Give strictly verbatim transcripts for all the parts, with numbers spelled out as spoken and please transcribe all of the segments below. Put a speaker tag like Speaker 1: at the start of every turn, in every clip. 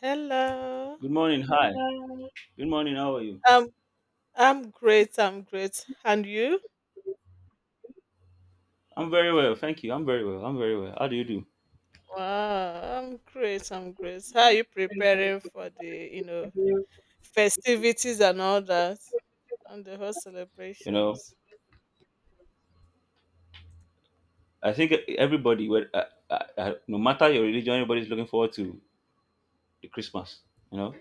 Speaker 1: Hello.
Speaker 2: Good morning. Hi. Good morning. How are you?
Speaker 1: Um, I'm great. I'm great. And you?
Speaker 2: I'm very well. Thank you. I'm very well. I'm very well. How do you do?
Speaker 1: Wow, I'm great. I'm great. How are you preparing for the, you know, festivities and all that, and the whole
Speaker 2: You know,
Speaker 1: celebrations?
Speaker 2: I think everybody, well, uh, uh, uh, no matter your religion, everybody's looking forward to the Christmas. You know,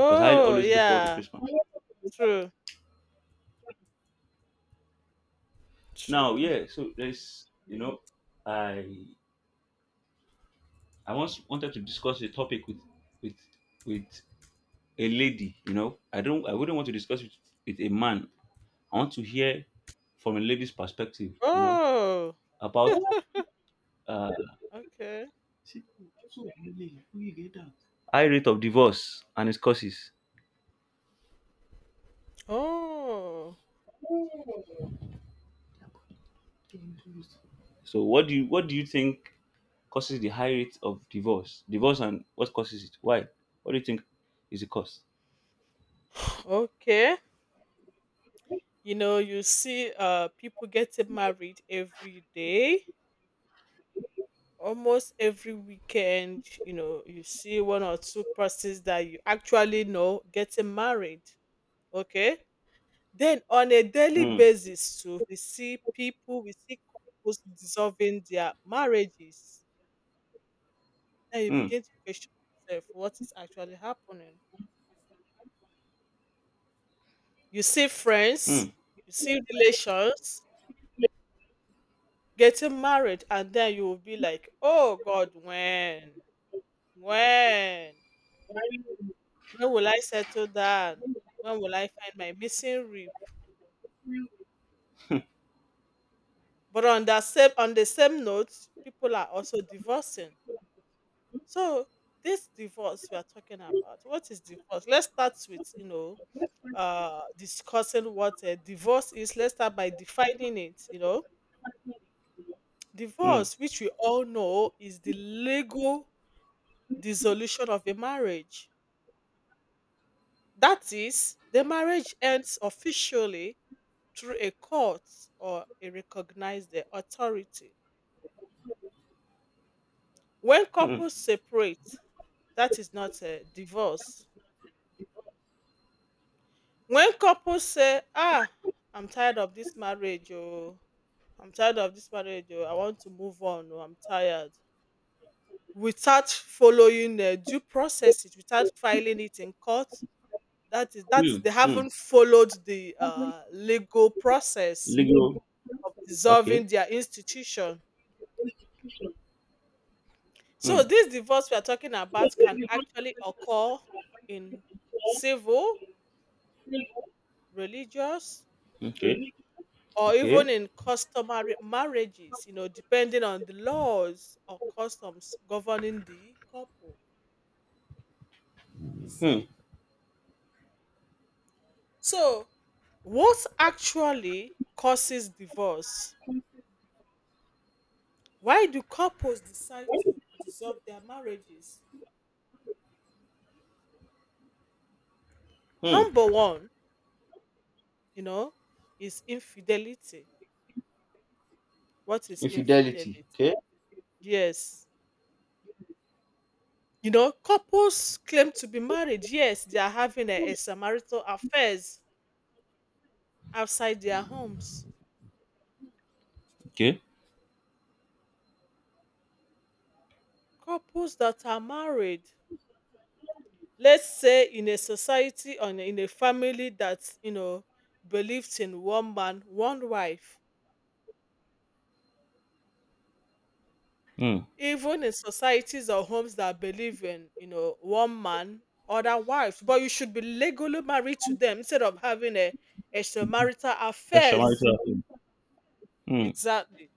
Speaker 2: because I always look forward to
Speaker 1: yeah.
Speaker 2: Christmas.
Speaker 1: True.
Speaker 2: Now,
Speaker 1: True.
Speaker 2: yeah. So there's, you know, I I once wanted to discuss a topic with with with a lady. You know, I don't. I wouldn't want to discuss it with a man. I want to hear from a lady's perspective. You know,
Speaker 1: Oh,
Speaker 2: about uh,
Speaker 1: okay.
Speaker 2: high rate of divorce and its causes.
Speaker 1: Oh,
Speaker 2: So what do you what do you think causes the high rate of divorce? Divorce and what causes it? Why? What do you think is the cause?
Speaker 1: okay. You know, you see, uh, people getting married every day. Almost every weekend, you know, you see one or two persons that you actually know getting married. Okay. Then on a daily
Speaker 2: Mm,
Speaker 1: basis too, we see people, we see couples dissolving their marriages. Then you
Speaker 2: mm,
Speaker 1: begin to question yourself what is actually happening. You see friends,
Speaker 2: mm,
Speaker 1: you see relations getting married, and then you will be like, oh God, when? When? When will I settle down? When will I find my missing rib? But on that same on the same note, people are also divorcing. So this divorce we are talking about, what is divorce? Let's start with you know uh discussing what a divorce is. Let's start by defining it. You know,
Speaker 2: mm,
Speaker 1: divorce, which we all know, is the legal dissolution of a marriage. That is, the marriage ends officially through a court or a recognized uh, authority. When
Speaker 2: mm,
Speaker 1: couples separate, that is not a divorce. When couples say, "Ah, I'm tired of this marriage, oh, I'm tired of this marriage, oh, I want to move on, oh, I'm tired," without following uh, due processes, without filing it in court, that is that is
Speaker 2: mm,
Speaker 1: they
Speaker 2: mm.
Speaker 1: haven't followed the uh, legal process
Speaker 2: Legal.
Speaker 1: of
Speaker 2: Okay.
Speaker 1: dissolving their institution. So
Speaker 2: Mm,
Speaker 1: this divorce we are talking about can actually occur in civil, religious,
Speaker 2: okay.
Speaker 1: or even
Speaker 2: Okay.
Speaker 1: in customary marriages, you know, depending on the laws or customs governing the couple, you
Speaker 2: Hmm.
Speaker 1: see? So, what actually causes divorce? Why do couples decide to dissolve their marriages?
Speaker 2: Hmm.
Speaker 1: Number one, you know, is infidelity. What is
Speaker 2: Infidelity.
Speaker 1: infidelity?
Speaker 2: Okay.
Speaker 1: Yes. You know, couples claim to be married, yes, they are having a extramarital affairs outside their homes.
Speaker 2: Okay.
Speaker 1: Couples that are married, let's say in a society or in a family that, you know, believes in one man, one wife.
Speaker 2: Hmm.
Speaker 1: Even in societies or homes that believe in, you know, one man, other wives, but you should be legally married to them instead of having a extramarital affairs.
Speaker 2: Extramarital affair. Hmm.
Speaker 1: Exactly.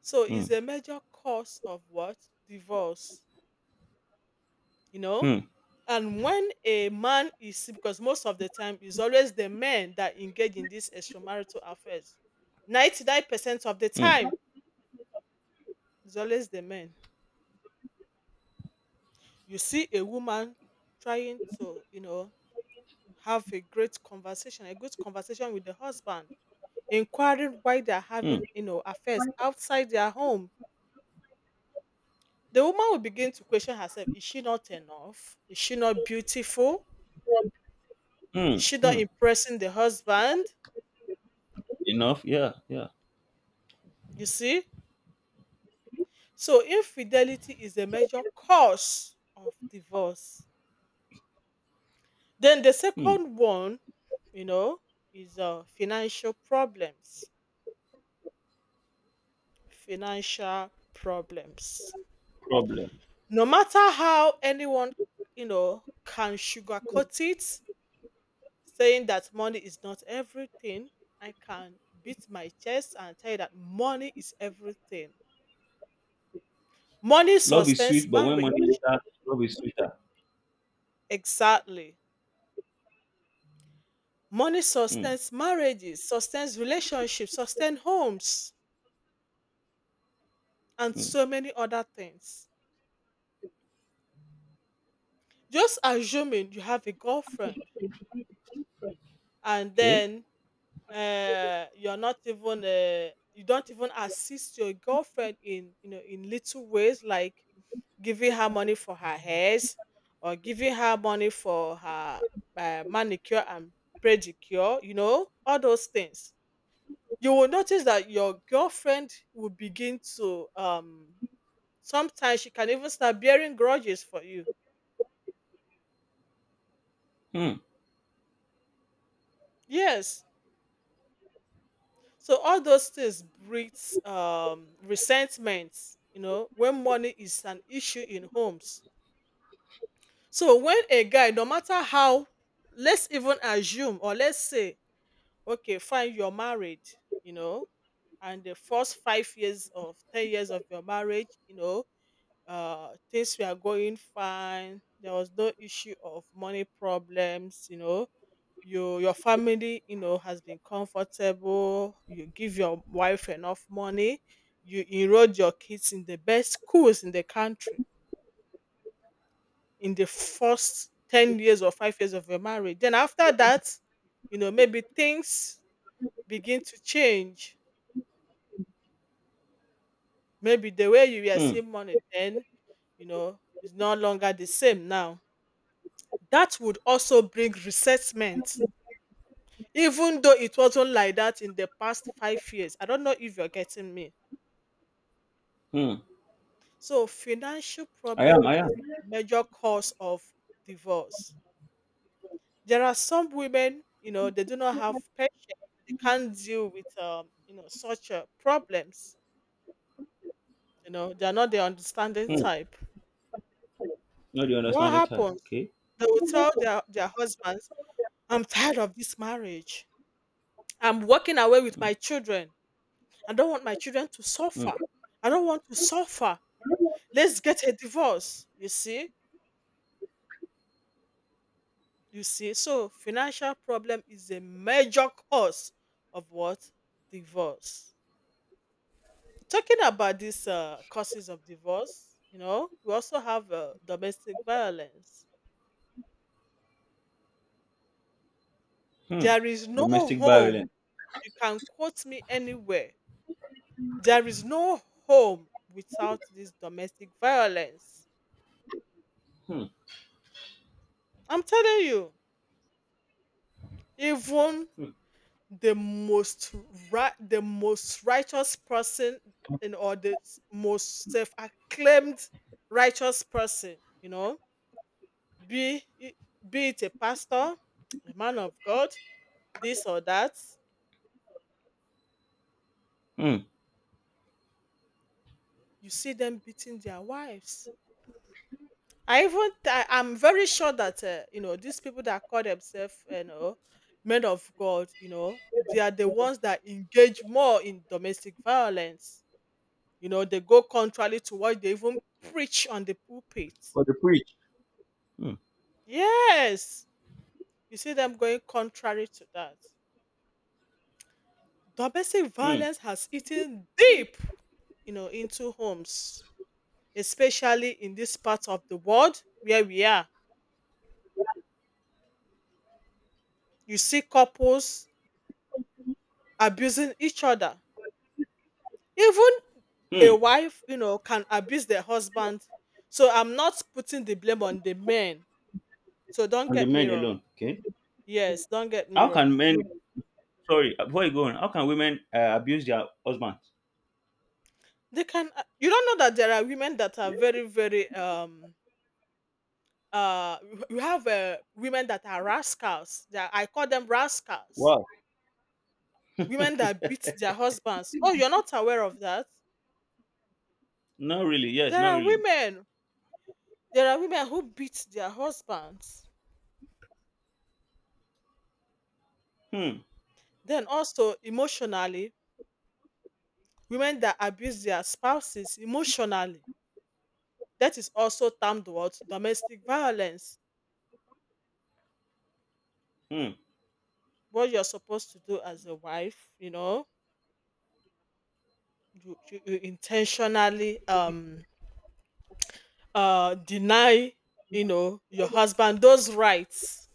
Speaker 1: So it's
Speaker 2: Hmm.
Speaker 1: a major cause of what? Divorce, you know?
Speaker 2: Hmm.
Speaker 1: And when a man is because most of the time it's always the men that engage in these extramarital affairs. ninety-nine percent of the
Speaker 2: Hmm.
Speaker 1: time it's always the men. You see a woman trying to, you know, have a great conversation, a good conversation with the husband, inquiring why they're
Speaker 2: Mm,
Speaker 1: having, you know, affairs outside their home. The woman will begin to question herself, is she not enough? Is she not beautiful? Is
Speaker 2: mm,
Speaker 1: she not
Speaker 2: mm.
Speaker 1: impressing the husband?
Speaker 2: Enough. Yeah, yeah.
Speaker 1: You see? So, infidelity is a major cause of divorce. Then the
Speaker 2: Mm.
Speaker 1: second one, you know, is uh, financial problems. Financial problems.
Speaker 2: Problem.
Speaker 1: No matter how anyone, you know, can sugarcoat it, saying that money is not everything, I can beat my chest and tell you that money is everything. Money
Speaker 2: Love is
Speaker 1: sustains
Speaker 2: sweet, but when money is
Speaker 1: marriage.
Speaker 2: enters, love is sweeter.
Speaker 1: Exactly. Money
Speaker 2: Mm,
Speaker 1: sustains marriages, sustains relationships, sustains homes, and
Speaker 2: mm.
Speaker 1: so many other things. Just assuming you have a girlfriend and
Speaker 2: Okay.
Speaker 1: then uh, you're not even uh, you don't even assist your girlfriend in you know in little ways like giving her money for her hairs or giving her money for her uh, manicure and pedicure, you know all those things. You will notice that your girlfriend will begin to um sometimes she can even start bearing grudges for you.
Speaker 2: Mm,
Speaker 1: Yes. So all those things breeds um, resentment, you know, when money is an issue in homes. So when a guy, no matter how, let's even assume or let's say, okay, fine, you're married, you know, and the first five years of ten years of your marriage, you know, uh things were going fine. There was no issue of money problems, you know, you your family, you know, has been comfortable, you give your wife enough money, you enrolled your kids in the best schools in the country in the first ten years or five years of your marriage. Then after that, you know, maybe things begin to change. Maybe the way you were
Speaker 2: mm,
Speaker 1: seeing money then, you know, is no longer the same now. That would also bring resentment, even though it wasn't like that in the past five years. I don't know if you're getting me.
Speaker 2: mm.
Speaker 1: So, financial
Speaker 2: I
Speaker 1: problem
Speaker 2: am. I am.
Speaker 1: is the major cause of divorce. There are some women, you know, they do not have patience. They can't deal with, um, you know, such uh, problems. You know, they are not the understanding
Speaker 2: Hmm.
Speaker 1: type.
Speaker 2: Not the
Speaker 1: What
Speaker 2: understanding type.
Speaker 1: happens?
Speaker 2: Okay.
Speaker 1: They will tell their, their husbands, I'm tired of this marriage. I'm walking away with
Speaker 2: Hmm.
Speaker 1: my children. I don't want my children to
Speaker 2: Hmm.
Speaker 1: suffer. I don't want to suffer. Let's get a divorce. You see? You see? So financial problem is a major cause of what? Divorce. Talking about these uh, causes of divorce, you know, we also have uh, domestic violence.
Speaker 2: Hmm.
Speaker 1: There is no
Speaker 2: Domestic
Speaker 1: home.
Speaker 2: violence.
Speaker 1: You can quote me anywhere. There is no home without this domestic violence.
Speaker 2: Hmm.
Speaker 1: I'm telling you, even
Speaker 2: Hmm.
Speaker 1: the most right the most righteous person and or the s- most self-acclaimed righteous person, you know, be it- be it a pastor, a man of God, this or that,
Speaker 2: Hmm.
Speaker 1: you see them beating their wives. I even I, i'm very sure that uh, you know these people that call themselves uh, you know men of God, you know, they are the ones that engage more in domestic violence. You know, they go contrary to what they even preach on the pulpit.
Speaker 2: For the preach. Hmm.
Speaker 1: Yes, you see them going contrary to that. Domestic
Speaker 2: Hmm.
Speaker 1: violence has eaten deep, you know, into homes, especially in this part of the world where we are. You see couples abusing each other. Even a
Speaker 2: Hmm.
Speaker 1: wife, you know, can abuse their husband. So I'm not putting the blame on the men. So don't
Speaker 2: And the
Speaker 1: get me
Speaker 2: men
Speaker 1: wrong.
Speaker 2: alone. Okay.
Speaker 1: Yes, don't get me
Speaker 2: How can
Speaker 1: wrong.
Speaker 2: men? Sorry. Before you go on, how can women uh, abuse their husbands?
Speaker 1: They can uh, you don't know that there are women that are very, very um uh you you have uh, women that are rascals. That I call them rascals.
Speaker 2: Wow.
Speaker 1: Women that beat their husbands. Oh, you're not aware of that?
Speaker 2: Not really. Yes.
Speaker 1: There
Speaker 2: Not
Speaker 1: are
Speaker 2: really.
Speaker 1: women. There are women who beat their husbands.
Speaker 2: Hmm.
Speaker 1: Then also emotionally, women that abuse their spouses emotionally. That is also termed what domestic violence.
Speaker 2: Hmm.
Speaker 1: What you're supposed to do as a wife, you know, you, you, you intentionally um uh deny, you know, your husband those rights.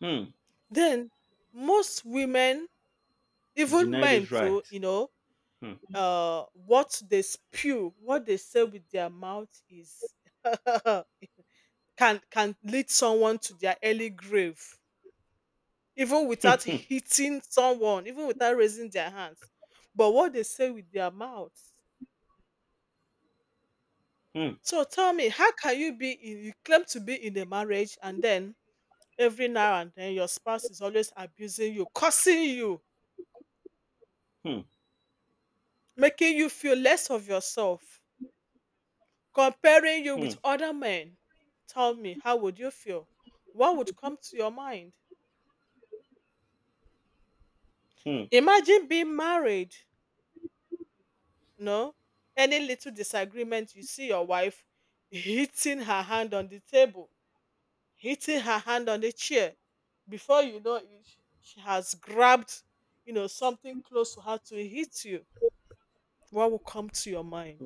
Speaker 2: Hmm.
Speaker 1: Then most women, even
Speaker 2: Deny
Speaker 1: men
Speaker 2: those
Speaker 1: too,
Speaker 2: rights.
Speaker 1: you know,
Speaker 2: Hmm.
Speaker 1: uh what they spew what they say with their mouth is can can lead someone to their early grave, even without hitting someone, even without raising their hands, but what they say with their mouths.
Speaker 2: Hmm.
Speaker 1: So tell me, how can you be in, you claim to be in a marriage and then every now and then your spouse is always abusing you, cursing you,
Speaker 2: Hmm.
Speaker 1: making you feel less of yourself, comparing you
Speaker 2: Hmm.
Speaker 1: with other men. Tell me, how would you feel? What would come to your mind?
Speaker 2: Hmm.
Speaker 1: Imagine being married, no? Any little disagreement, you see your wife hitting her hand on the table, hitting her hand on the chair. Before you know it, she has grabbed, you know, something close to her to hit you. What will come to your mind?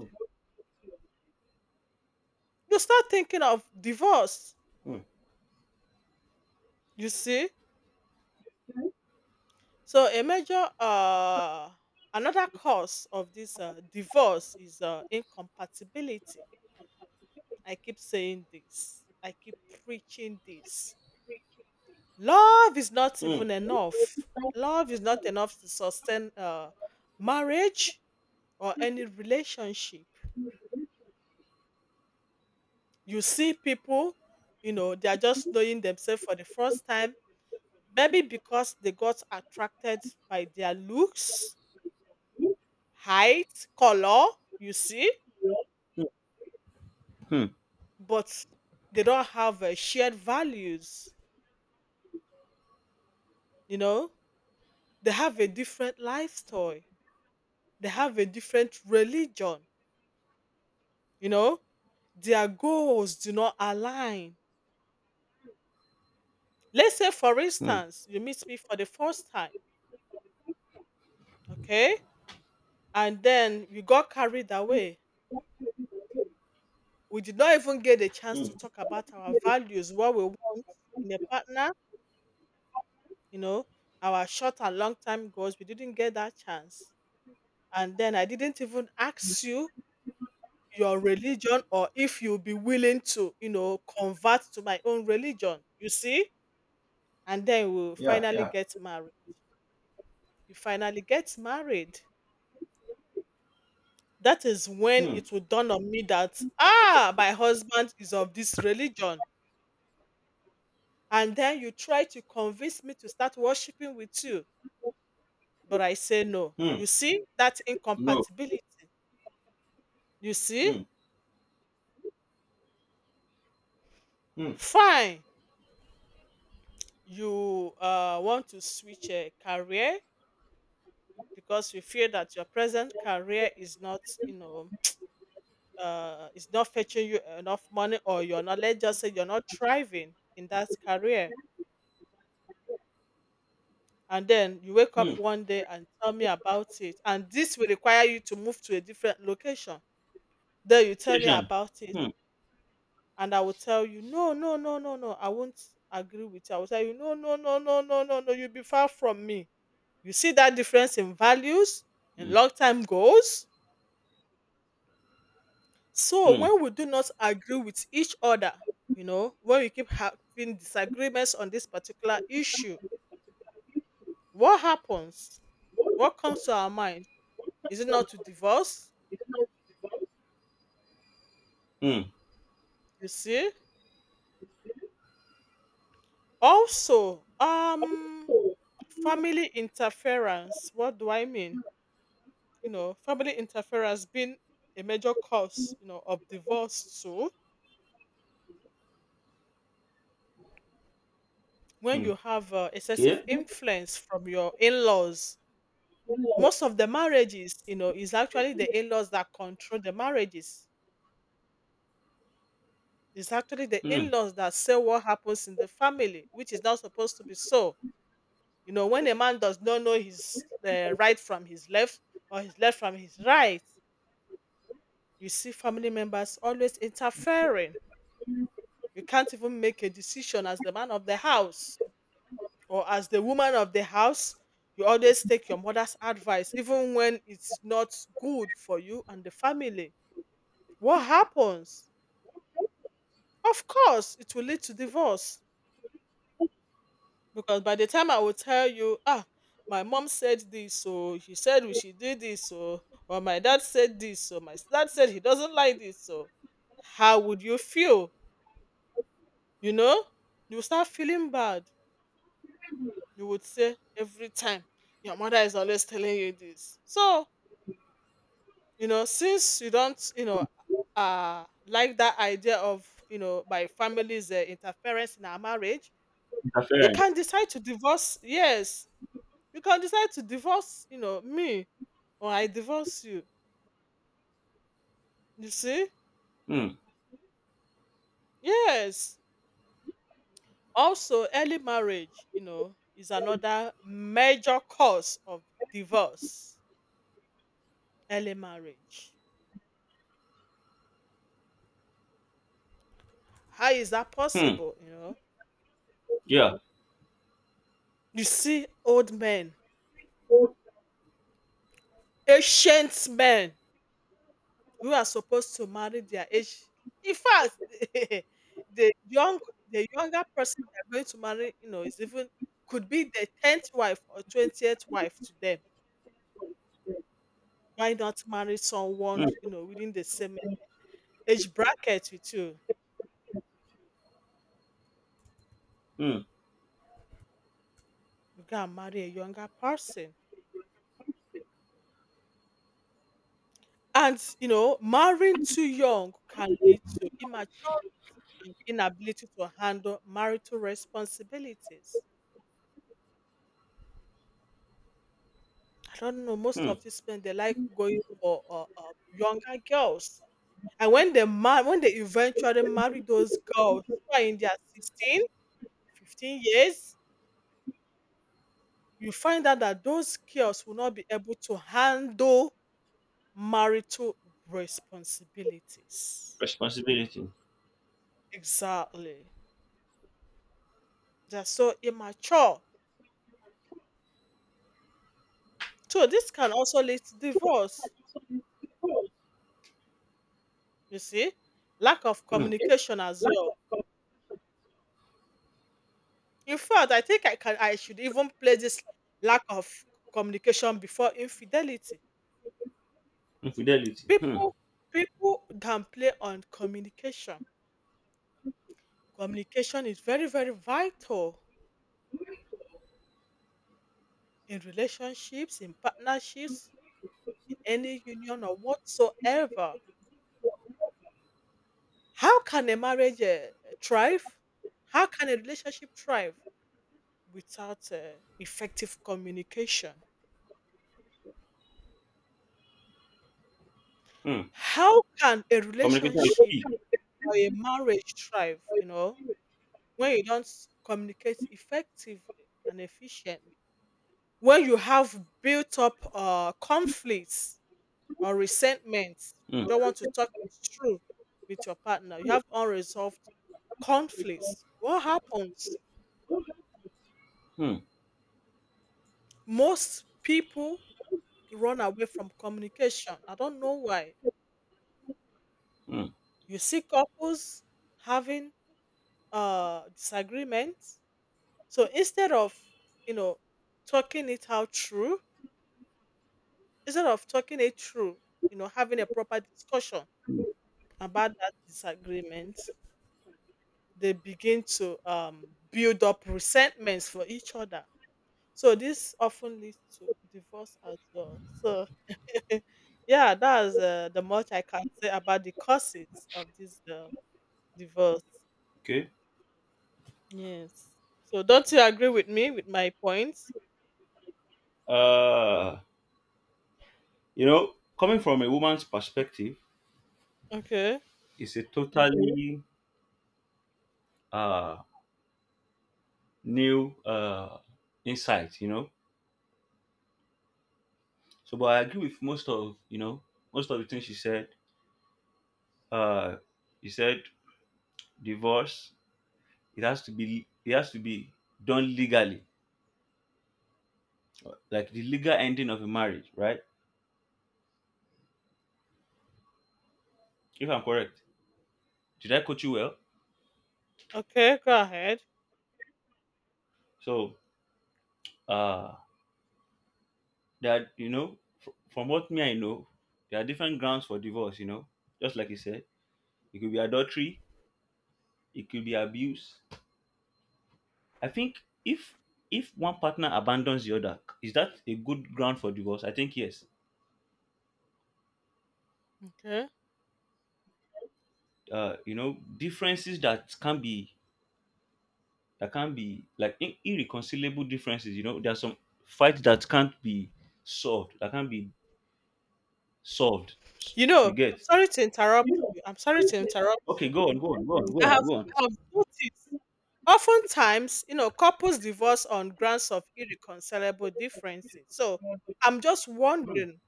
Speaker 1: You start thinking of divorce,
Speaker 2: Hmm.
Speaker 1: you see? So a major uh another cause of this uh, divorce is uh, incompatibility. I keep saying this. I keep preaching this. Love is not
Speaker 2: Hmm.
Speaker 1: even enough. Love is not enough to sustain uh, marriage or any relationship. You see people, you know, they are just knowing themselves for the first time maybe because they got attracted by their looks, height, color, you see,
Speaker 2: Hmm. Hmm.
Speaker 1: but they don't have uh, shared values, you know, they have a different lifestyle, they have a different religion, you know, their goals do not align. Let's say, for
Speaker 2: Hmm.
Speaker 1: instance, you meet me for the first time, okay, and then we got carried away. We did not even get a chance
Speaker 2: Hmm.
Speaker 1: to talk about our values, what we want in a partner, you know, our short and long time goals. We didn't get that chance and then I didn't even ask you your religion or if you'll be willing to, you know, convert to my own religion. You see? And then we'll
Speaker 2: Yeah,
Speaker 1: finally
Speaker 2: yeah.
Speaker 1: get married. You finally get married. That is when
Speaker 2: Hmm.
Speaker 1: it will dawn on me that, ah, my husband is of this religion. And then you try to convince me to start worshiping with you. But I say no.
Speaker 2: Hmm.
Speaker 1: You see that
Speaker 2: No.
Speaker 1: incompatibility? You see?
Speaker 2: Hmm. Hmm.
Speaker 1: Fine. You uh, want to switch a career because you feel that your present career is not, you know, uh, is not fetching you enough money, or you're not, let's just say, you're not thriving in that career. And then you wake up
Speaker 2: Hmm.
Speaker 1: one day and tell me about it. And this will require you to move to a different location. Then you tell me
Speaker 2: Patient.
Speaker 1: about it.
Speaker 2: Hmm.
Speaker 1: And I will tell you, no, no, no, no, no. I won't agree with you. I will tell you, no, no, no, no, no, no, no. You'll be far from me. You see that difference in values, in
Speaker 2: Hmm.
Speaker 1: long time goals. So
Speaker 2: Hmm.
Speaker 1: when we do not agree with each other, you know, when we keep having disagreements on this particular issue, what happens? What comes to our mind? Is it not to divorce?
Speaker 2: Hmm.
Speaker 1: You see? Also, um family interference. What do I mean? You know, family interference being a major cause, you know, of divorce too. When
Speaker 2: Hmm.
Speaker 1: you have uh, excessive
Speaker 2: Okay.
Speaker 1: influence from your in-laws, most of the marriages, you know, is actually the in-laws that control the marriages. It's actually the
Speaker 2: Hmm.
Speaker 1: in-laws that say what happens in the family, which is not supposed to be so. You know, when a man does not know his uh, right from his left or his left from his right, you see family members always interfering. You can't even make a decision as the man of the house or as the woman of the house. You always take your mother's advice, even when it's not good for you and the family. What happens? Of course, it will lead to divorce because by the time I will tell you, ah, my mom said this, so she said we should do this, so, or my dad said this, so my dad said he doesn't like this, so how would you feel? You know, you will start feeling bad. You would say every time your mother is always telling you this. So you know, since you don't, you know, uh, like that idea of you know my family's uh, interference in our marriage, you
Speaker 2: Interference.
Speaker 1: can decide to divorce. Yes. You can decide to divorce, you know, me or I divorce you. You see?
Speaker 2: Hmm.
Speaker 1: Yes. Also, early marriage, you know, is another major cause of divorce. Early marriage. How is that
Speaker 2: Hmm.
Speaker 1: possible? You know,
Speaker 2: Yeah.
Speaker 1: you see old men, ancient men who are supposed to marry their age. In fact, the young, the younger person they're going to marry, you know, is even could be the tenth wife or twentieth wife to them. Why not marry someone,
Speaker 2: Hmm.
Speaker 1: you know, within the same age bracket with you?
Speaker 2: Hmm.
Speaker 1: You can marry a younger person. And, you know, marrying too young can lead to immaturity and inability to handle marital responsibilities. I don't know. Most
Speaker 2: Hmm.
Speaker 1: of these men, they like going for uh, uh, younger girls. And when they mar- when they eventually marry those girls who are in their sixteen, fifteen years, you find out that those girls will not be able to handle marital responsibilities.
Speaker 2: Responsibility.
Speaker 1: Exactly. They're so immature. So this can also lead to divorce, you see? Lack of
Speaker 2: Hmm.
Speaker 1: communication as well. In fact, I think I can I should even play this lack of communication before infidelity.
Speaker 2: Infidelity. Hmm.
Speaker 1: People people can play on communication. Communication is very, very vital in relationships, in partnerships, in any union or whatsoever. How can a marriage uh, thrive? How can a relationship thrive without uh, effective communication?
Speaker 2: Hmm.
Speaker 1: How can a
Speaker 2: Communication
Speaker 1: relationship
Speaker 2: is key.
Speaker 1: or a marriage thrive, you know, when you don't s- communicate effectively and efficiently? When you have built up uh, conflicts or resentments, you
Speaker 2: Hmm.
Speaker 1: don't want to talk through with your partner, you have unresolved conflicts. What happens?
Speaker 2: Hmm.
Speaker 1: Most people run away from communication. I don't know why. You see couples having uh disagreements. So instead of, you know, talking it out through, instead of talking it through, you know, having a proper discussion
Speaker 2: Hmm.
Speaker 1: about that disagreement, they begin to um build up resentments for each other. So this often leads to divorce as well. So yeah, that's uh, the much I can say about the causes of this uh, divorce.
Speaker 2: Okay.
Speaker 1: Yes. So don't you agree with me with my points?
Speaker 2: Uh You know, coming from a woman's perspective,
Speaker 1: Okay.
Speaker 2: it's a totally uh, new uh, insight. You know, so but I agree with most of you know most of the things she said. Uh, she said divorce. It has to be. It has to be done legally, like the legal ending of a marriage, right? If I'm correct, did I coach you well?
Speaker 1: Okay, go ahead.
Speaker 2: So uh, that you know, fr- from what me I know, there are different grounds for divorce. You know, just like you said, it could be adultery, it could be abuse. I think if if one partner abandons the other, is that a good ground for divorce? I think yes.
Speaker 1: Okay.
Speaker 2: uh you know, differences that can be that can be like ir- irreconcilable differences. You know, there are some fights that can't be solved that can't be solved. S-
Speaker 1: You know,
Speaker 2: you
Speaker 1: I'm
Speaker 2: get?
Speaker 1: sorry to interrupt you. I'm sorry to interrupt
Speaker 2: Okay,
Speaker 1: you.
Speaker 2: go on go on go on go
Speaker 1: I have,
Speaker 2: on go on.
Speaker 1: I have noticed oftentimes, you know, couples divorce on grounds of irreconcilable differences. So I'm just wondering,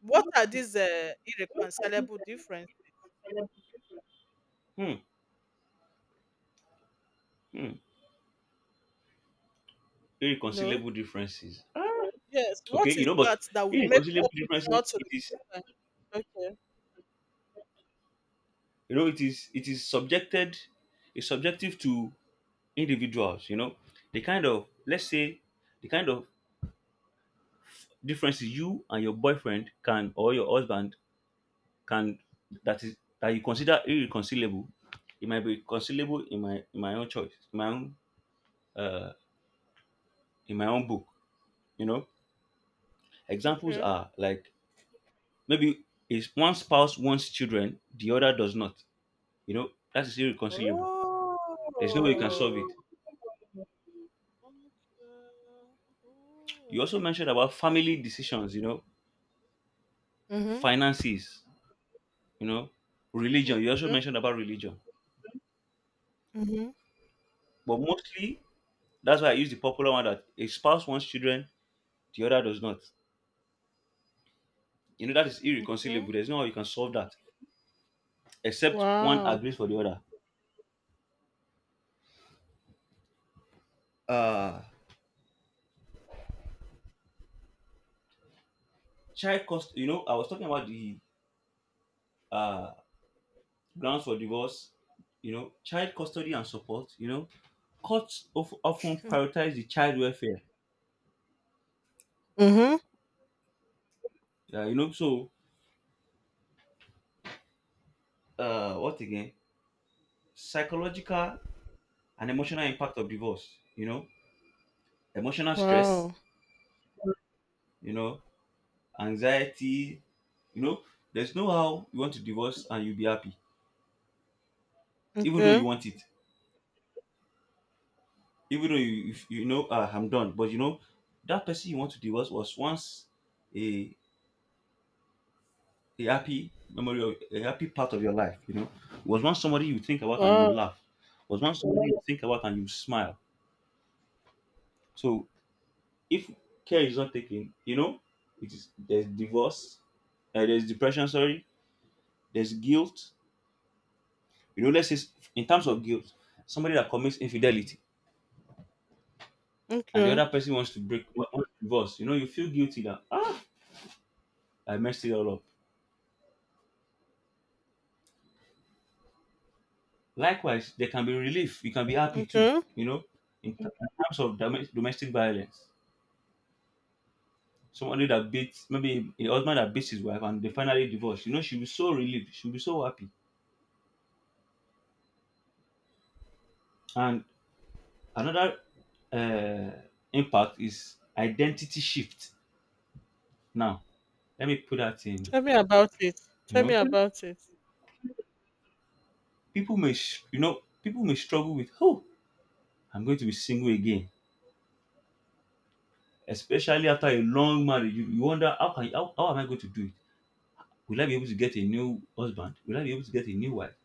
Speaker 1: what are these uh, irreconcilable differences?
Speaker 2: hmm, hmm.
Speaker 1: You know,
Speaker 2: Irreconcilable differences.
Speaker 1: yes,
Speaker 2: Okay
Speaker 1: what
Speaker 2: you
Speaker 1: is
Speaker 2: know but
Speaker 1: that that would make
Speaker 2: Irreconcilable
Speaker 1: couples not
Speaker 2: differences,
Speaker 1: to
Speaker 2: it is,
Speaker 1: reconcile? Okay,
Speaker 2: you know, it is it is subjected, it's subjective to individuals. You know, the kind of, let's say, the kind of differences you and your boyfriend can, or your husband can, that is that you consider irreconcilable, it might be reconcilable in my in my own choice, in my own uh in my own book. You know, examples
Speaker 1: okay.
Speaker 2: are like maybe is one spouse wants children, the other does not. You know, that is irreconcilable. There's no way you can solve it.
Speaker 1: Oh, okay.
Speaker 2: You also
Speaker 1: Mm.
Speaker 2: mentioned about family decisions, you know,
Speaker 1: Mhm.
Speaker 2: finances, you know, religion. You also
Speaker 1: Mhm.
Speaker 2: mentioned about religion.
Speaker 1: Mhm.
Speaker 2: But mostly, that's why I use the popular one, that a spouse wants children, the other does not. You know, that is
Speaker 1: Okay.
Speaker 2: irreconcilable. There's no way you can solve that except one
Speaker 1: Wow.
Speaker 2: agrees for the other. Uh, child cost, you know, I was talking about the uh, grounds for divorce, you know, child custody and support, you know, courts of, often
Speaker 1: Okay.
Speaker 2: prioritize the child welfare.
Speaker 1: Mhm.
Speaker 2: Uh, you know, so uh, what again? Psychological and emotional impact of divorce, you know, emotional stress,
Speaker 1: Wow.
Speaker 2: you know, anxiety. You know, there's no how you want to divorce and you will be happy. Even though you
Speaker 1: Okay.
Speaker 2: want it, even though you, if you know, ah, I'm done, but you know, that person you want to divorce was once a a happy memory, of a happy part of your life. You know, was once somebody you think about and you
Speaker 1: Wow.
Speaker 2: laugh, was once somebody you think about and you smile. So if care is not taken, you know, it is there's divorce, uh, there's depression, sorry, there's guilt. You know, let's say s- in terms of guilt, somebody that commits infidelity, and the
Speaker 1: Okay.
Speaker 2: other person wants to break, wa- wants to divorce, you know, you feel guilty that, ah, I messed it all up. Likewise, there can be relief, you can be happy too.
Speaker 1: Okay.
Speaker 2: You know, in, t- in terms of domes- domestic violence, somebody that beats, maybe a husband that beats his wife and they finally divorce, you know, she'll be so relieved, she'll be so happy. And another uh, impact is identity shift. Now, let me put that in.
Speaker 1: Tell me about it.
Speaker 2: You
Speaker 1: Tell me
Speaker 2: know,
Speaker 1: about it.
Speaker 2: people may sh- you know, people may struggle with, oh, I'm going to be single again, especially after a long marriage. You, you wonder how can, how, how am I going to do it? Will I be able to get a new husband? Will I be able to get a new wife?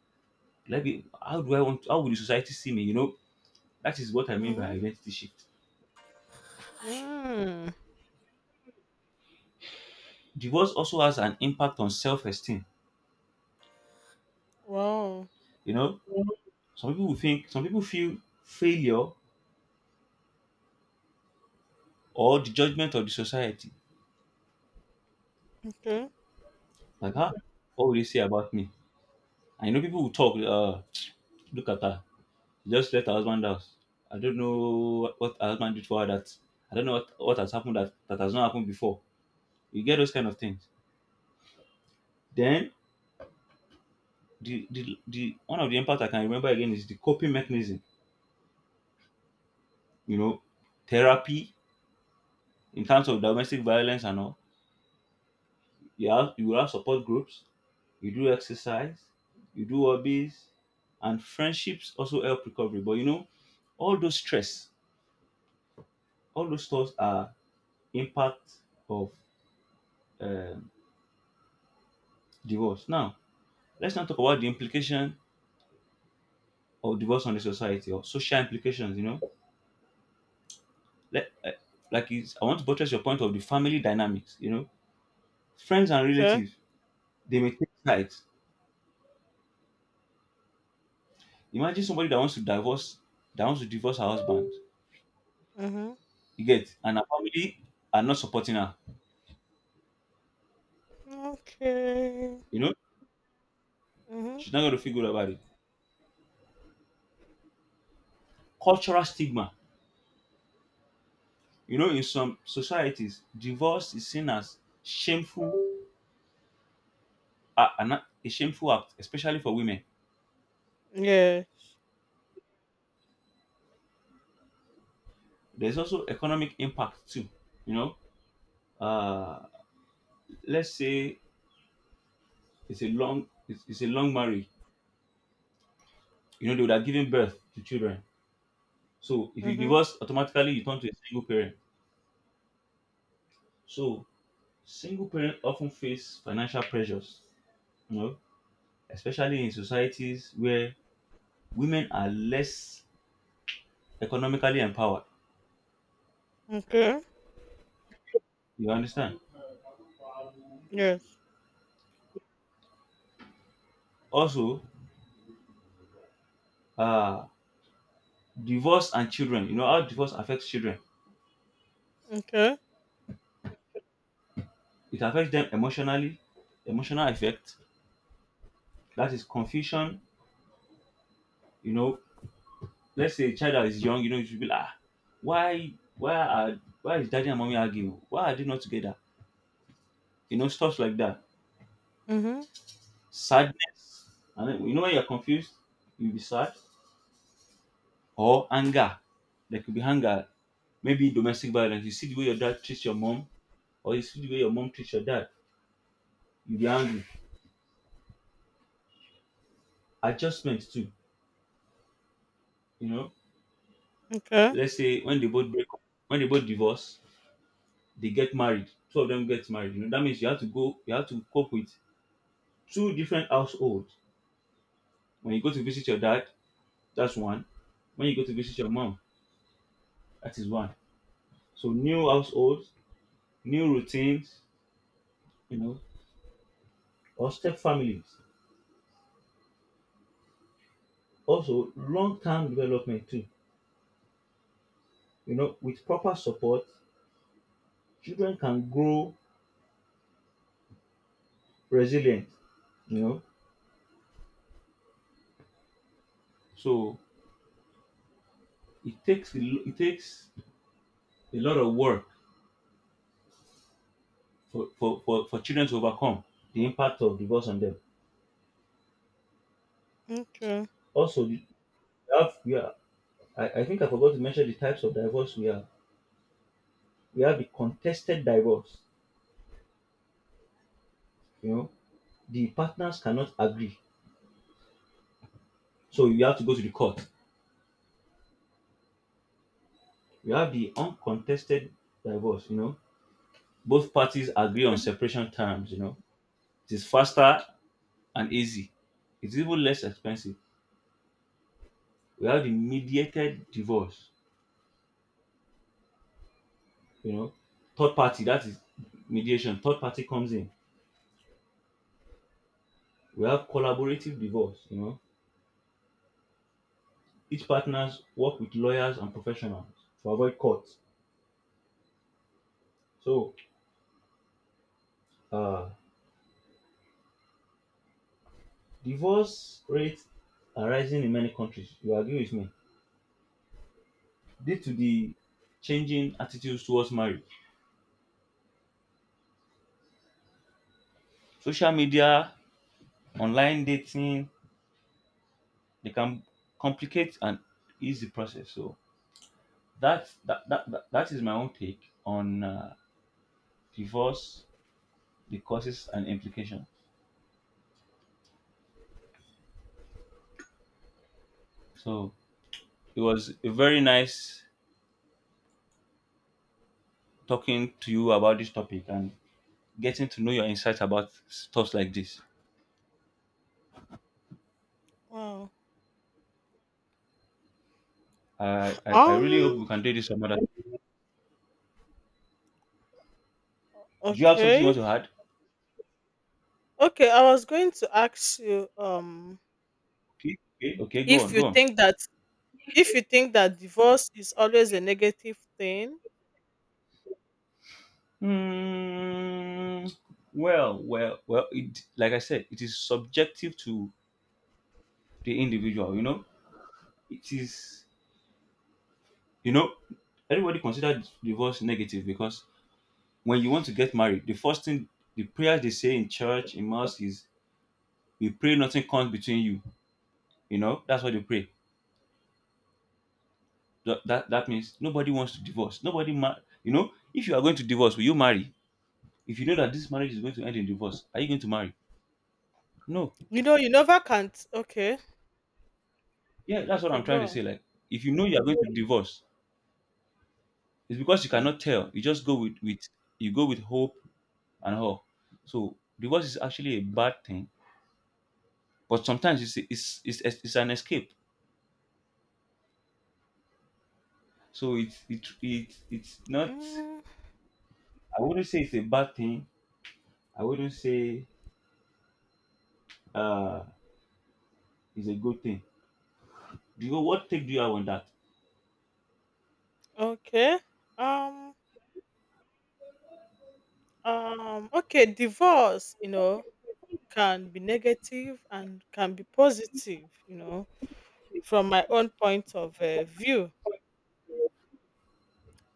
Speaker 2: Will I be, how do I want? How will the society see me? You know, that is what I mean by
Speaker 1: Mhm.
Speaker 2: identity shift.
Speaker 1: Mm.
Speaker 2: Divorce also has an impact on self-esteem.
Speaker 1: Wow.
Speaker 2: You know, some people will think some people feel failure or the judgment of the society.
Speaker 1: Okay.
Speaker 2: Like, ah, what will they say about me? I know, people will talk, uh, look at her. She just left her husband out. I don't know what what her husband did for her that, I don't know what, what has happened that, that has not happened before. You get those kind of things. Then the, the the one of the impact I can remember again is the coping mechanism, you know, therapy in terms of domestic violence and all. You have you will have support groups, you do exercise, you do hobbies, and friendships also help recovery. But you know, all those stress, all those thoughts are impact of um divorce. Now, let's not talk about the implication of divorce on the society, or social implications. You know, let, uh, like it's, I want to buttress your point of the family dynamics. You know, friends and
Speaker 1: Okay.
Speaker 2: relatives, they may take sides. Imagine somebody that wants to divorce, that wants to divorce her husband.
Speaker 1: Mhm.
Speaker 2: You get? And her family are not supporting her.
Speaker 1: Okay.
Speaker 2: You know,
Speaker 1: Mhm.
Speaker 2: she's not going to feel good about it. Cultural stigma. You know, in some societies, divorce is seen as shameful, uh, an, a shameful act, especially for women.
Speaker 1: Yes.
Speaker 2: There's also economic impact too. You know, uh, let's say it's a long, it's, it's a long marriage. You know, they would have given birth to children. So if you
Speaker 1: Mhm.
Speaker 2: divorce, automatically you turn to a single parent. So single parents often face financial pressures. You know, especially in societies where women are less economically empowered.
Speaker 1: Okay.
Speaker 2: You understand?
Speaker 1: Yes.
Speaker 2: Also, uh, divorce and children. You know how divorce affects children.
Speaker 1: Okay.
Speaker 2: It affects them emotionally, emotional effect. That is confusion. You know, let's say a child that is young. You know, you should be like, "Ah, why, why are, why is daddy and mommy arguing? Why are they not together?" You know, stuff like that.
Speaker 1: Mhm.
Speaker 2: Sadness. And then, you know, when you're confused, you'll be sad, or anger. There could be anger, maybe domestic violence. You see the way your dad treats your mom, or you see the way your mom treats your dad, you be angry. Adjustment too. You know,
Speaker 1: Okay.
Speaker 2: let's say when they both break up, when they both divorce, they get married. Two of them get married. You know, that means you have to go, you have to cope with two different households. When you go to visit your dad, that's one. When you go to visit your mom, that is one. So new households, new routines, you know, or step families. Also, long-term development too. You know, with proper support, children can grow resilient. You know, so it takes a lo- it takes a lot of work for, for, for, for children to overcome the impact of divorce on them.
Speaker 1: Okay.
Speaker 2: Also, the- we have we are I, I think I forgot to mention the types of divorce we have. We have the contested divorce. You know, the partners cannot agree, so you have to go to the court. We have the uncontested divorce. You know, both parties agree on separation terms. You know, it is faster and easy. It's even less expensive. We have the mediated divorce, you know, third party, that is mediation, third party comes in. We have collaborative divorce, you know, each partners work with lawyers and professionals to avoid court. So, uh, divorce rates are rising in many countries. You agree with me? Due to the changing attitudes towards marriage, social media, online dating, they can complicate an easy process. So, That's that that, that, that is my own take on uh, divorce, the causes and implications. So it was a very nice talking to you about this topic and getting to know your insights about stuff like this.
Speaker 1: Wow.
Speaker 2: I I, I really hope
Speaker 1: Um.
Speaker 2: we can do this some other. Do you have something you want
Speaker 1: Okay.
Speaker 2: to add?
Speaker 1: Okay. I was going to ask you. Um.
Speaker 2: Okay, okay, okay, go
Speaker 1: If
Speaker 2: on,
Speaker 1: you
Speaker 2: go on.
Speaker 1: think that if you think that divorce is always a negative thing,
Speaker 2: Hmm. well, well, well. It, like I said, it is subjective to the individual. You know, it is You know, everybody consider divorce negative because when you want to get married, the first thing, the prayers they say in church, in mosque is, we pray nothing comes between you. You know, that's what they pray. That, that, that means nobody wants to divorce. Nobody, ma- you know, if you are going to divorce, will you marry? If you know that this marriage is going to end in divorce, are you going to marry? No.
Speaker 1: you know you never can't. Okay.
Speaker 2: Yeah, that's what
Speaker 1: Okay.
Speaker 2: I'm trying
Speaker 1: Go
Speaker 2: to
Speaker 1: on.
Speaker 2: say. Like, if you know you are going to divorce, it's because you
Speaker 1: Okay.
Speaker 2: cannot tell. You just go with, with you go with hope and all. So divorce is actually a bad thing but sometimes it's it's it's, it's an escape so it's it, it it's not,
Speaker 1: Mm,
Speaker 2: I wouldn't say it's a bad thing, I wouldn't say uh it's a good thing. Do you what take do you have on that
Speaker 1: okay. Um. Um. Okay. Divorce. You know can be negative and can be positive. You know from my own point of uh, view.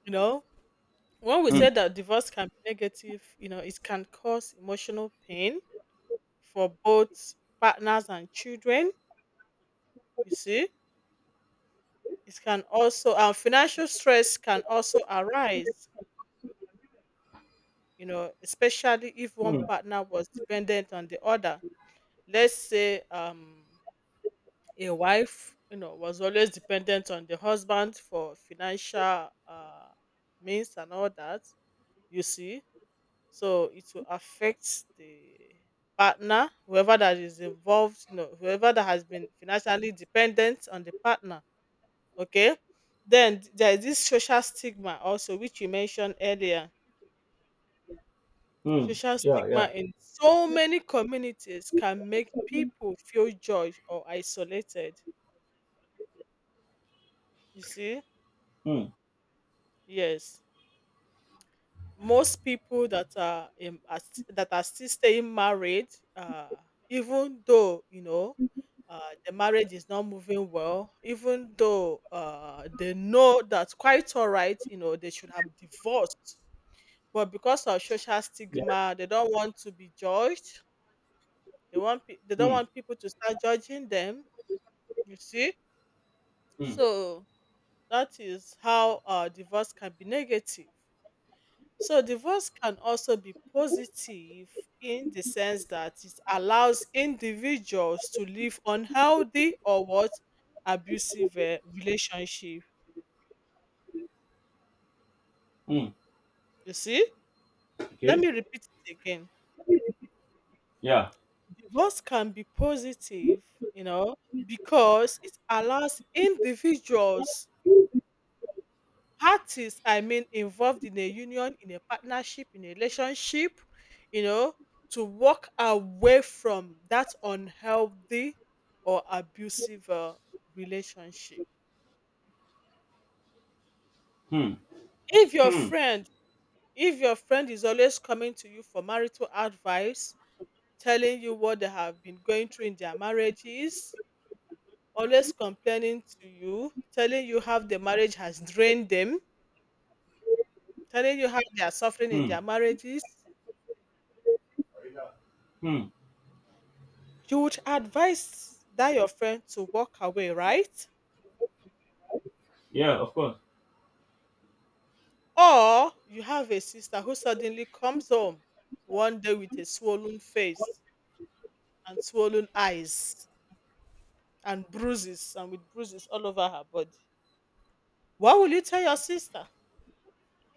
Speaker 1: You know when we
Speaker 2: Mm.
Speaker 1: say that divorce can be negative, you know it can cause emotional pain for both partners and children, you see. It can also and financial stress can also arise, you know, especially if one
Speaker 2: Mm.
Speaker 1: partner was dependent on the other. Let's say um a wife, you know, was always dependent on the husband for financial uh means and all that, you see. So it will affect the partner, whoever that is involved, you know, whoever that has been financially dependent on the partner. Okay. Then there is this social stigma also, which you mentioned earlier.
Speaker 2: Mm.
Speaker 1: Social
Speaker 2: Yeah,
Speaker 1: stigma
Speaker 2: yeah.
Speaker 1: in so many communities can make people feel judged or isolated. You see?
Speaker 2: Mm.
Speaker 1: Yes. Most people that are, in, are st- that are still staying married, uh, even though, you know, uh, the marriage is not moving well, even though uh, they know that's quite all right, you know, they should have divorced. But because of social
Speaker 2: Yes.
Speaker 1: stigma, they don't want to be judged. They want pe- they don't
Speaker 2: Mm.
Speaker 1: want people to start judging them. You see,
Speaker 2: Mm.
Speaker 1: so that is how uh, divorce can be negative. So divorce can also be positive in the sense that it allows individuals to live unhealthy or what abusive uh, relationship.
Speaker 2: Mm.
Speaker 1: You see, let
Speaker 2: Okay.
Speaker 1: me repeat it again.
Speaker 2: Yeah.
Speaker 1: Divorce can be positive, you know, because it allows individuals, parties, I mean, involved in a union, in a partnership, in a relationship, you know, to walk away from that unhealthy or abusive uh, relationship.
Speaker 2: Hmm.
Speaker 1: If your
Speaker 2: Hmm.
Speaker 1: friend, if your friend is always coming to you for marital advice, telling you what they have been going through in their marriages, always complaining to you, telling you how the marriage has drained them, telling you how they are suffering in
Speaker 2: Hmm.
Speaker 1: their marriages,
Speaker 2: Hmm.
Speaker 1: you would advise that your friend to walk away, right?
Speaker 2: Yeah, of course.
Speaker 1: Or you have a sister who suddenly comes home one day with a swollen face and swollen eyes and bruises and with bruises all over her body. What will you tell your sister?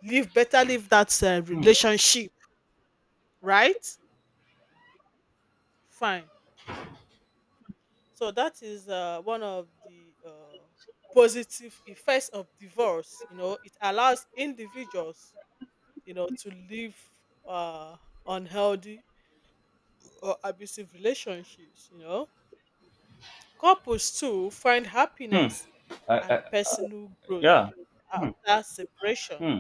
Speaker 1: Live better, leave that uh,
Speaker 2: Hmm.
Speaker 1: relationship, right? Fine. So that is uh, one of the uh, positive effects of divorce. You know, it allows individuals, you know, to live uh, unhealthy or abusive relationships. You know, couples too find
Speaker 2: Hmm.
Speaker 1: happiness
Speaker 2: I,
Speaker 1: and
Speaker 2: I,
Speaker 1: personal growth
Speaker 2: yeah. Hmm.
Speaker 1: after separation.
Speaker 2: Hmm.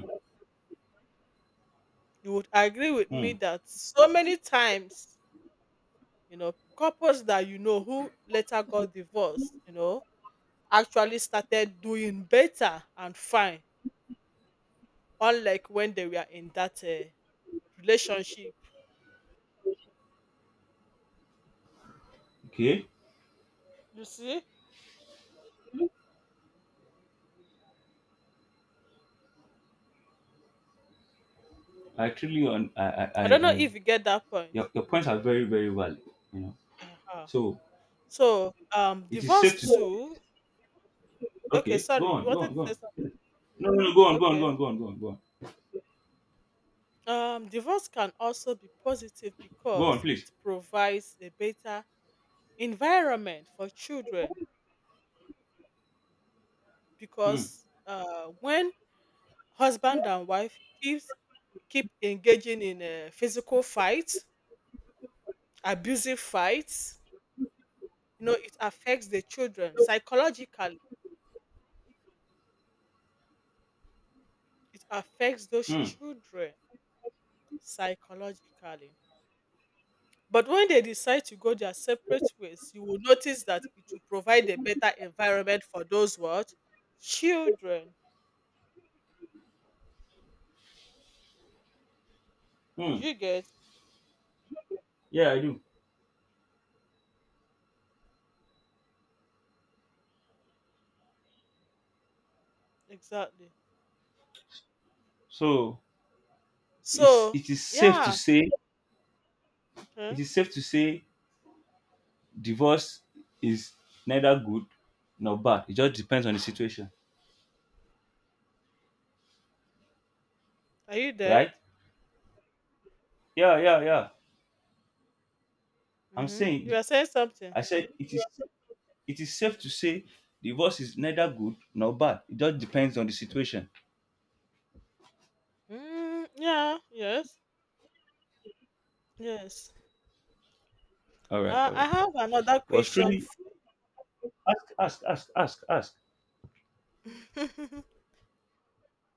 Speaker 1: You would agree with me
Speaker 2: Hmm.
Speaker 1: that so many times, you know, couples that you know who later got divorced, you know, actually started doing better and fine unlike when they were in that uh, relationship.
Speaker 2: Okay.
Speaker 1: You see,
Speaker 2: i truly on I, I i
Speaker 1: I don't know
Speaker 2: i
Speaker 1: if you get that point.
Speaker 2: your, your points are very very valid, you know.
Speaker 1: Uh-huh.
Speaker 2: So
Speaker 1: So, um,
Speaker 2: it is safe to
Speaker 1: divorce
Speaker 2: say,
Speaker 1: too. Okay,
Speaker 2: okay, go
Speaker 1: sorry, you
Speaker 2: on, go
Speaker 1: wanted
Speaker 2: on,
Speaker 1: to
Speaker 2: go on.
Speaker 1: say something.
Speaker 2: No, no, no, go on, go on, go
Speaker 1: Okay.
Speaker 2: on, go on, go on, go on.
Speaker 1: Um, divorce can also be positive
Speaker 2: Go on,
Speaker 1: because
Speaker 2: please.
Speaker 1: it provides a better environment for children.
Speaker 2: Hmm,
Speaker 1: Because uh, when husband and wife keeps keep engaging in a physical fights, abusive fights, you know, it affects the children psychologically. It affects those
Speaker 2: hmm,
Speaker 1: children psychologically. But when they decide to go their separate ways, you will notice that it will provide a better environment for those what children. Do
Speaker 2: hmm.
Speaker 1: you get
Speaker 2: Yeah, I do.
Speaker 1: exactly?
Speaker 2: So it's
Speaker 1: So
Speaker 2: it is safe to
Speaker 1: yeah,
Speaker 2: say, it
Speaker 1: okay.
Speaker 2: is safe to say divorce is neither good nor bad. It just depends on the situation,
Speaker 1: Are you there?
Speaker 2: right? Yeah, yeah, yeah. I'm
Speaker 1: Hmm. You
Speaker 2: saying,
Speaker 1: were saying something.
Speaker 2: I said it is it is safe to say divorce is neither good nor bad. It just depends on the situation.
Speaker 1: Mm, yeah. Yes. Yes.
Speaker 2: All right,
Speaker 1: Uh,
Speaker 2: all
Speaker 1: I
Speaker 2: right.
Speaker 1: have another
Speaker 2: Was
Speaker 1: question.
Speaker 2: truly ask, ask, ask, ask, ask.
Speaker 1: f-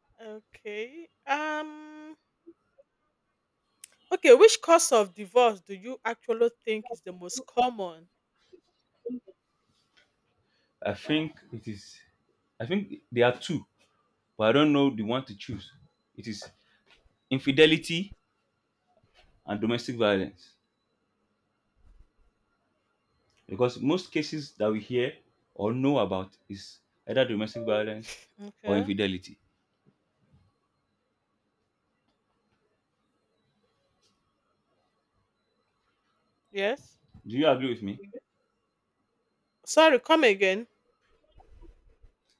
Speaker 1: okay. Um. Okay, which cause of divorce do you actually think is the most common?
Speaker 2: I think it is. I think there are two, but I don't know the one to choose. It is infidelity and domestic violence because most cases that we hear or know about is either domestic violence or
Speaker 1: Okay.
Speaker 2: infidelity.
Speaker 1: Yes.
Speaker 2: Do you agree with me?
Speaker 1: Sorry, come again.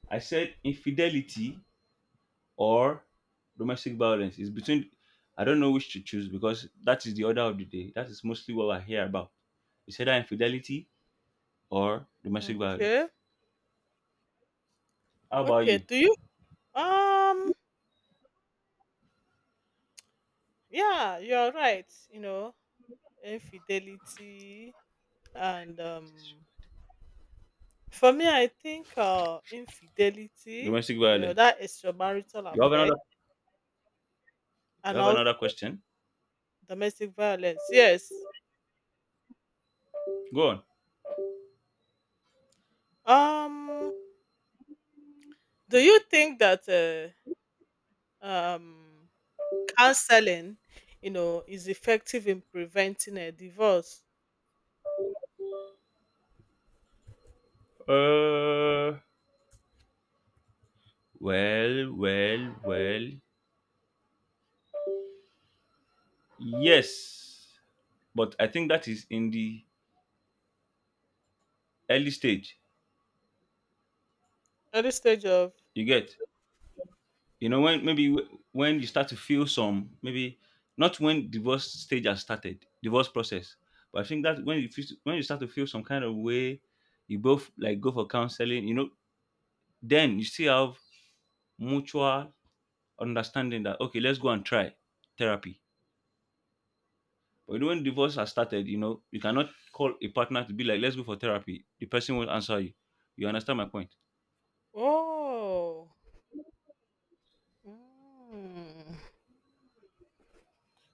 Speaker 2: I said infidelity or domestic violence is between. I don't know which to choose because that is the order of the day. That is mostly what I hear about. It's either infidelity or domestic violence.
Speaker 1: Okay.
Speaker 2: How about
Speaker 1: Okay.
Speaker 2: you?
Speaker 1: Do you um yeah, you're right. You know, infidelity and um for me I think uh infidelity,
Speaker 2: Domestic
Speaker 1: you know,
Speaker 2: violence.
Speaker 1: that extramarital
Speaker 2: You have
Speaker 1: affair
Speaker 2: another. You
Speaker 1: and
Speaker 2: have
Speaker 1: also
Speaker 2: another question.
Speaker 1: domestic violence. Yes.
Speaker 2: Go on.
Speaker 1: Um, do you think that uh, um counseling, you know, is effective in preventing a divorce.
Speaker 2: Uh, well, well, well. Yes, but I think that is in the early stage.
Speaker 1: Early stage of
Speaker 2: You get, you know, when maybe w- when you start to feel some, maybe not when divorce stage has started, divorce process. But I think that when you feel, when you start to feel some kind of way, you both like go for counseling. You know, then you still have mutual understanding that okay, let's go and try therapy. But you know, when divorce has started, you know, you cannot call a partner to be like, let's go for therapy. The person won't answer you. You understand my point?
Speaker 1: oh. Mm.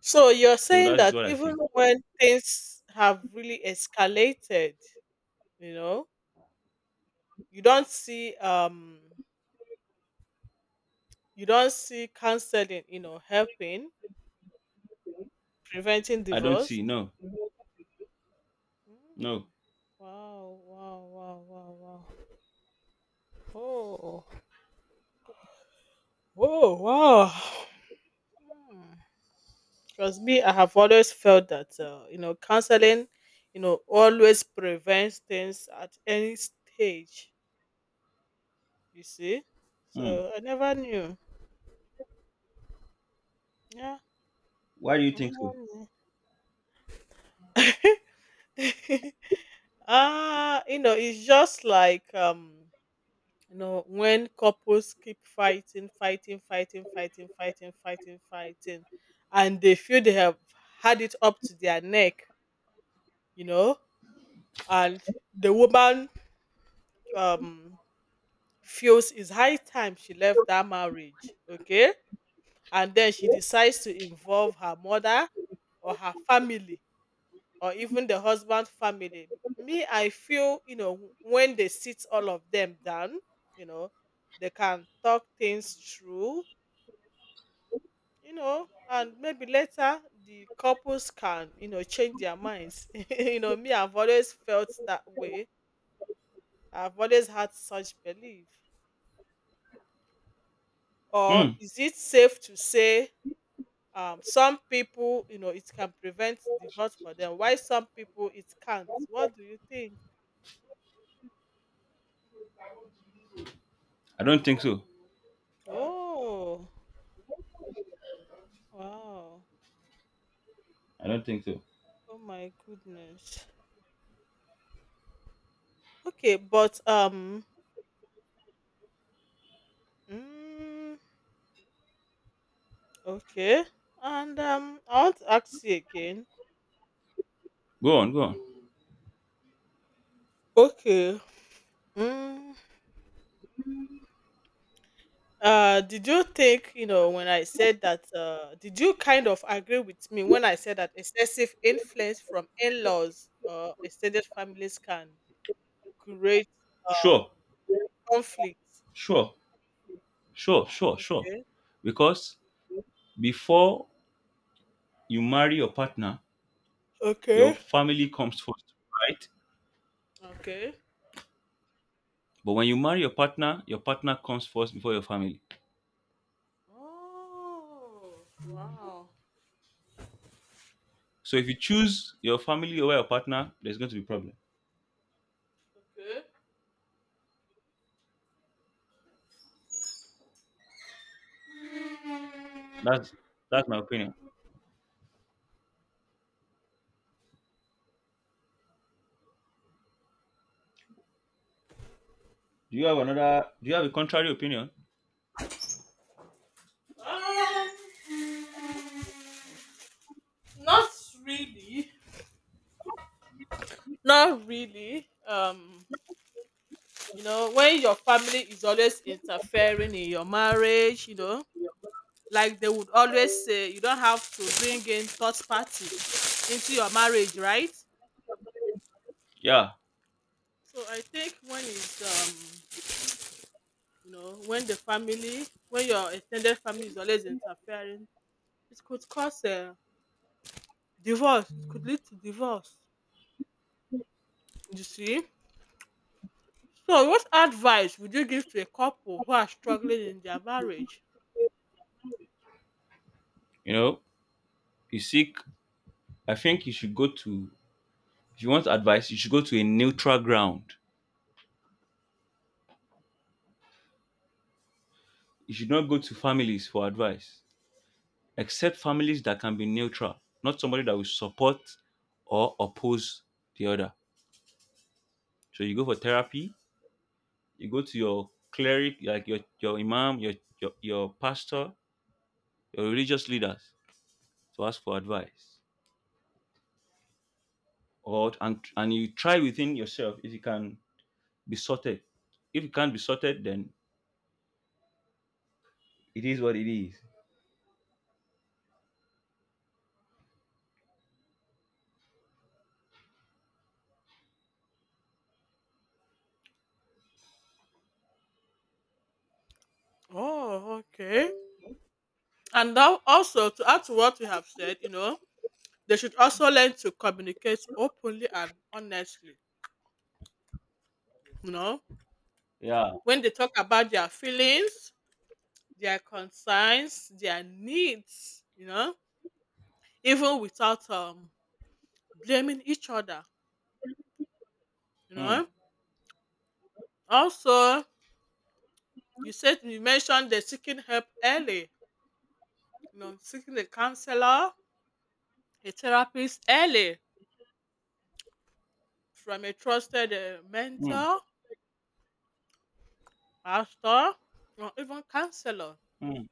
Speaker 1: So you're
Speaker 2: So that
Speaker 1: saying
Speaker 2: is
Speaker 1: that
Speaker 2: what I think.
Speaker 1: even when things have really escalated, you know, you don't see um you don't see counseling, you know, helping preventing
Speaker 2: I don't
Speaker 1: divorce.
Speaker 2: see. No, no.
Speaker 1: Mm. Wow, wow, wow, wow, wow. Oh, oh, wow. Hmm. Trust me, I have always felt that uh, you know counseling, you know, always prevents things at any stage. You see,
Speaker 2: Hmm.
Speaker 1: so I never knew. Yeah,
Speaker 2: Why do you
Speaker 1: I
Speaker 2: think so?
Speaker 1: never knew. Ah, you know, it's just like um, you know, when couples keep fighting, fighting, fighting, fighting, fighting, fighting, fighting, and they feel they have had it up to their neck, you know, and the woman um feels it's high time she left that marriage, okay? And then she decides to involve her mother or her family or even the husband's family. Me, I feel, you know, when they sit all of them down, you know, they can talk things through, you know, and maybe later the couples can, you know, change their minds. you know, me, I've always felt that way. I've always had such belief. Or
Speaker 2: Hmm.
Speaker 1: is it safe to say um some people, you know it can prevent divorce for them? Why some people it can't? What do you think?
Speaker 2: I don't think so.
Speaker 1: Oh. Wow.
Speaker 2: I don't think so.
Speaker 1: Oh my goodness. Okay, but um mm, okay. And um I want to ask you again.
Speaker 2: Go on, go on.
Speaker 1: Okay. mm, uh did you think, you know when I said that, uh did you kind of agree with me when I said that excessive influence from in-laws or extended families can create
Speaker 2: Sure,
Speaker 1: Conflict.
Speaker 2: sure, sure, sure, sure.
Speaker 1: Okay.
Speaker 2: Because before you marry your partner, your
Speaker 1: Okay.
Speaker 2: family comes first, right?
Speaker 1: Okay.
Speaker 2: But when you marry your partner, your partner comes first before your family.
Speaker 1: Oh, wow.
Speaker 2: So if you choose your family over your partner, there's going to be problem.
Speaker 1: Okay.
Speaker 2: That's that's my opinion. Do you have another? Do you have a contrary opinion?
Speaker 1: Um, Not really. Not really. Um, you know, when your family is always interfering in your marriage, you know, like they would always say, you don't have to bring in third party into your marriage, right?
Speaker 2: Yeah,
Speaker 1: So I think when it's, um you know when the family when your extended family is always interfering, it could cause a divorce, it could lead to divorce. You see, so what advice would you give to a couple who are struggling in their marriage?
Speaker 2: you know, you seek. I think you should go to. If you want advice, you should go to a neutral ground. You should not go to families for advice, except families that can be neutral, not somebody that will support or oppose the other. So you go for therapy. You go to your cleric, like your your imam, your your, your pastor, your religious leaders to ask for advice, or and and you try within yourself if you can be sorted. If it can't be sorted, then it is what it is.
Speaker 1: Oh, okay. And now also to add to what we have said, you know they should also learn to communicate openly and honestly you know
Speaker 2: Yeah.
Speaker 1: when they talk about their feelings, their concerns, their needs, you know even without um blaming each other, you
Speaker 2: Mm,
Speaker 1: know. Also, you said you mentioned the seeking help early, you know, seeking a counselor, a therapist early from a trusted uh,
Speaker 2: mm,
Speaker 1: mentor, pastor, or even counselor.
Speaker 2: mm.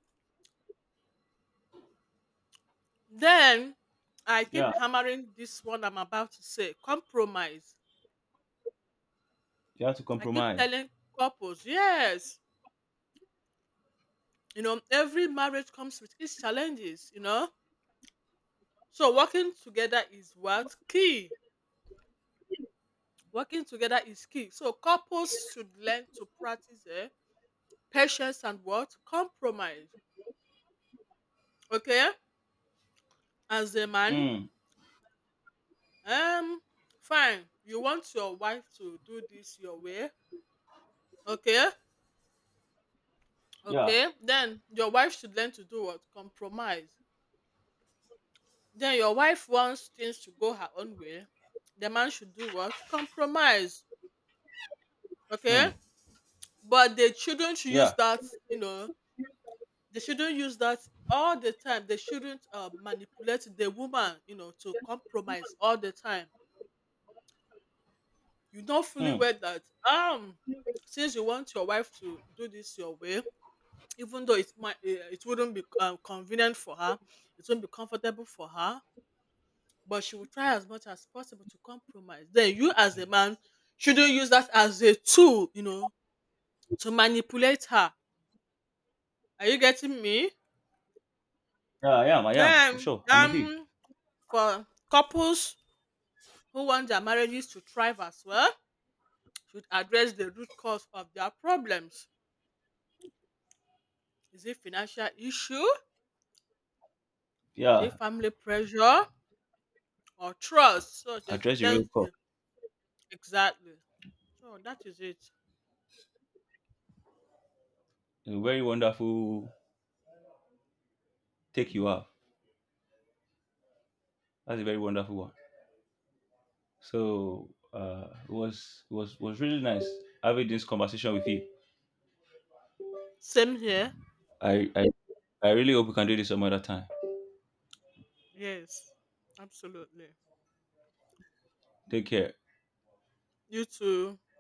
Speaker 1: Then I
Speaker 2: Yeah.
Speaker 1: keep hammering this one I'm about to say compromise.
Speaker 2: You have to
Speaker 1: I keep
Speaker 2: compromise.
Speaker 1: telling couples, yes, you know, every marriage comes with its challenges, you know. So working together is what? Key. Working together is key. So couples should learn to practice eh, patience and what? Compromise. Okay? As a man,
Speaker 2: Mm,
Speaker 1: um, fine. You want your wife to do this your way. Okay?
Speaker 2: yeah.
Speaker 1: Okay. Then your wife should learn to do what? Compromise. Then your wife wants things to go her own way. The man should do what? Compromise.
Speaker 2: Mm,
Speaker 1: Okay? But they shouldn't use
Speaker 2: yeah.
Speaker 1: that, you know, they shouldn't use that all the time. They shouldn't uh, manipulate the woman, you know to compromise all the time. You know fully
Speaker 2: Mm.
Speaker 1: well that um since you want your wife to do this your way, even though it might eh, it wouldn't be um, convenient for her, it wouldn't be comfortable for her, but she will try as much as possible to compromise, then you as a man shouldn't use that as a tool, you know to manipulate her. Are you getting me?
Speaker 2: Yeah, I am. I am. For
Speaker 1: Then,
Speaker 2: sure. I'm with you.
Speaker 1: um for couples who want their marriages to thrive as well, should address the root cause of their problems. Is it financial issue? Is it
Speaker 2: Yeah.
Speaker 1: family pressure or trust? So they
Speaker 2: Address
Speaker 1: should
Speaker 2: the
Speaker 1: learn
Speaker 2: real call.
Speaker 1: to. Exactly. So that is it.
Speaker 2: A very wonderful take you have. That's a very wonderful one. So uh, it was it was was really nice having this conversation with you.
Speaker 1: Same here.
Speaker 2: I I, I really hope we can do this some other time.
Speaker 1: Yes, absolutely.
Speaker 2: Take care.
Speaker 1: You too.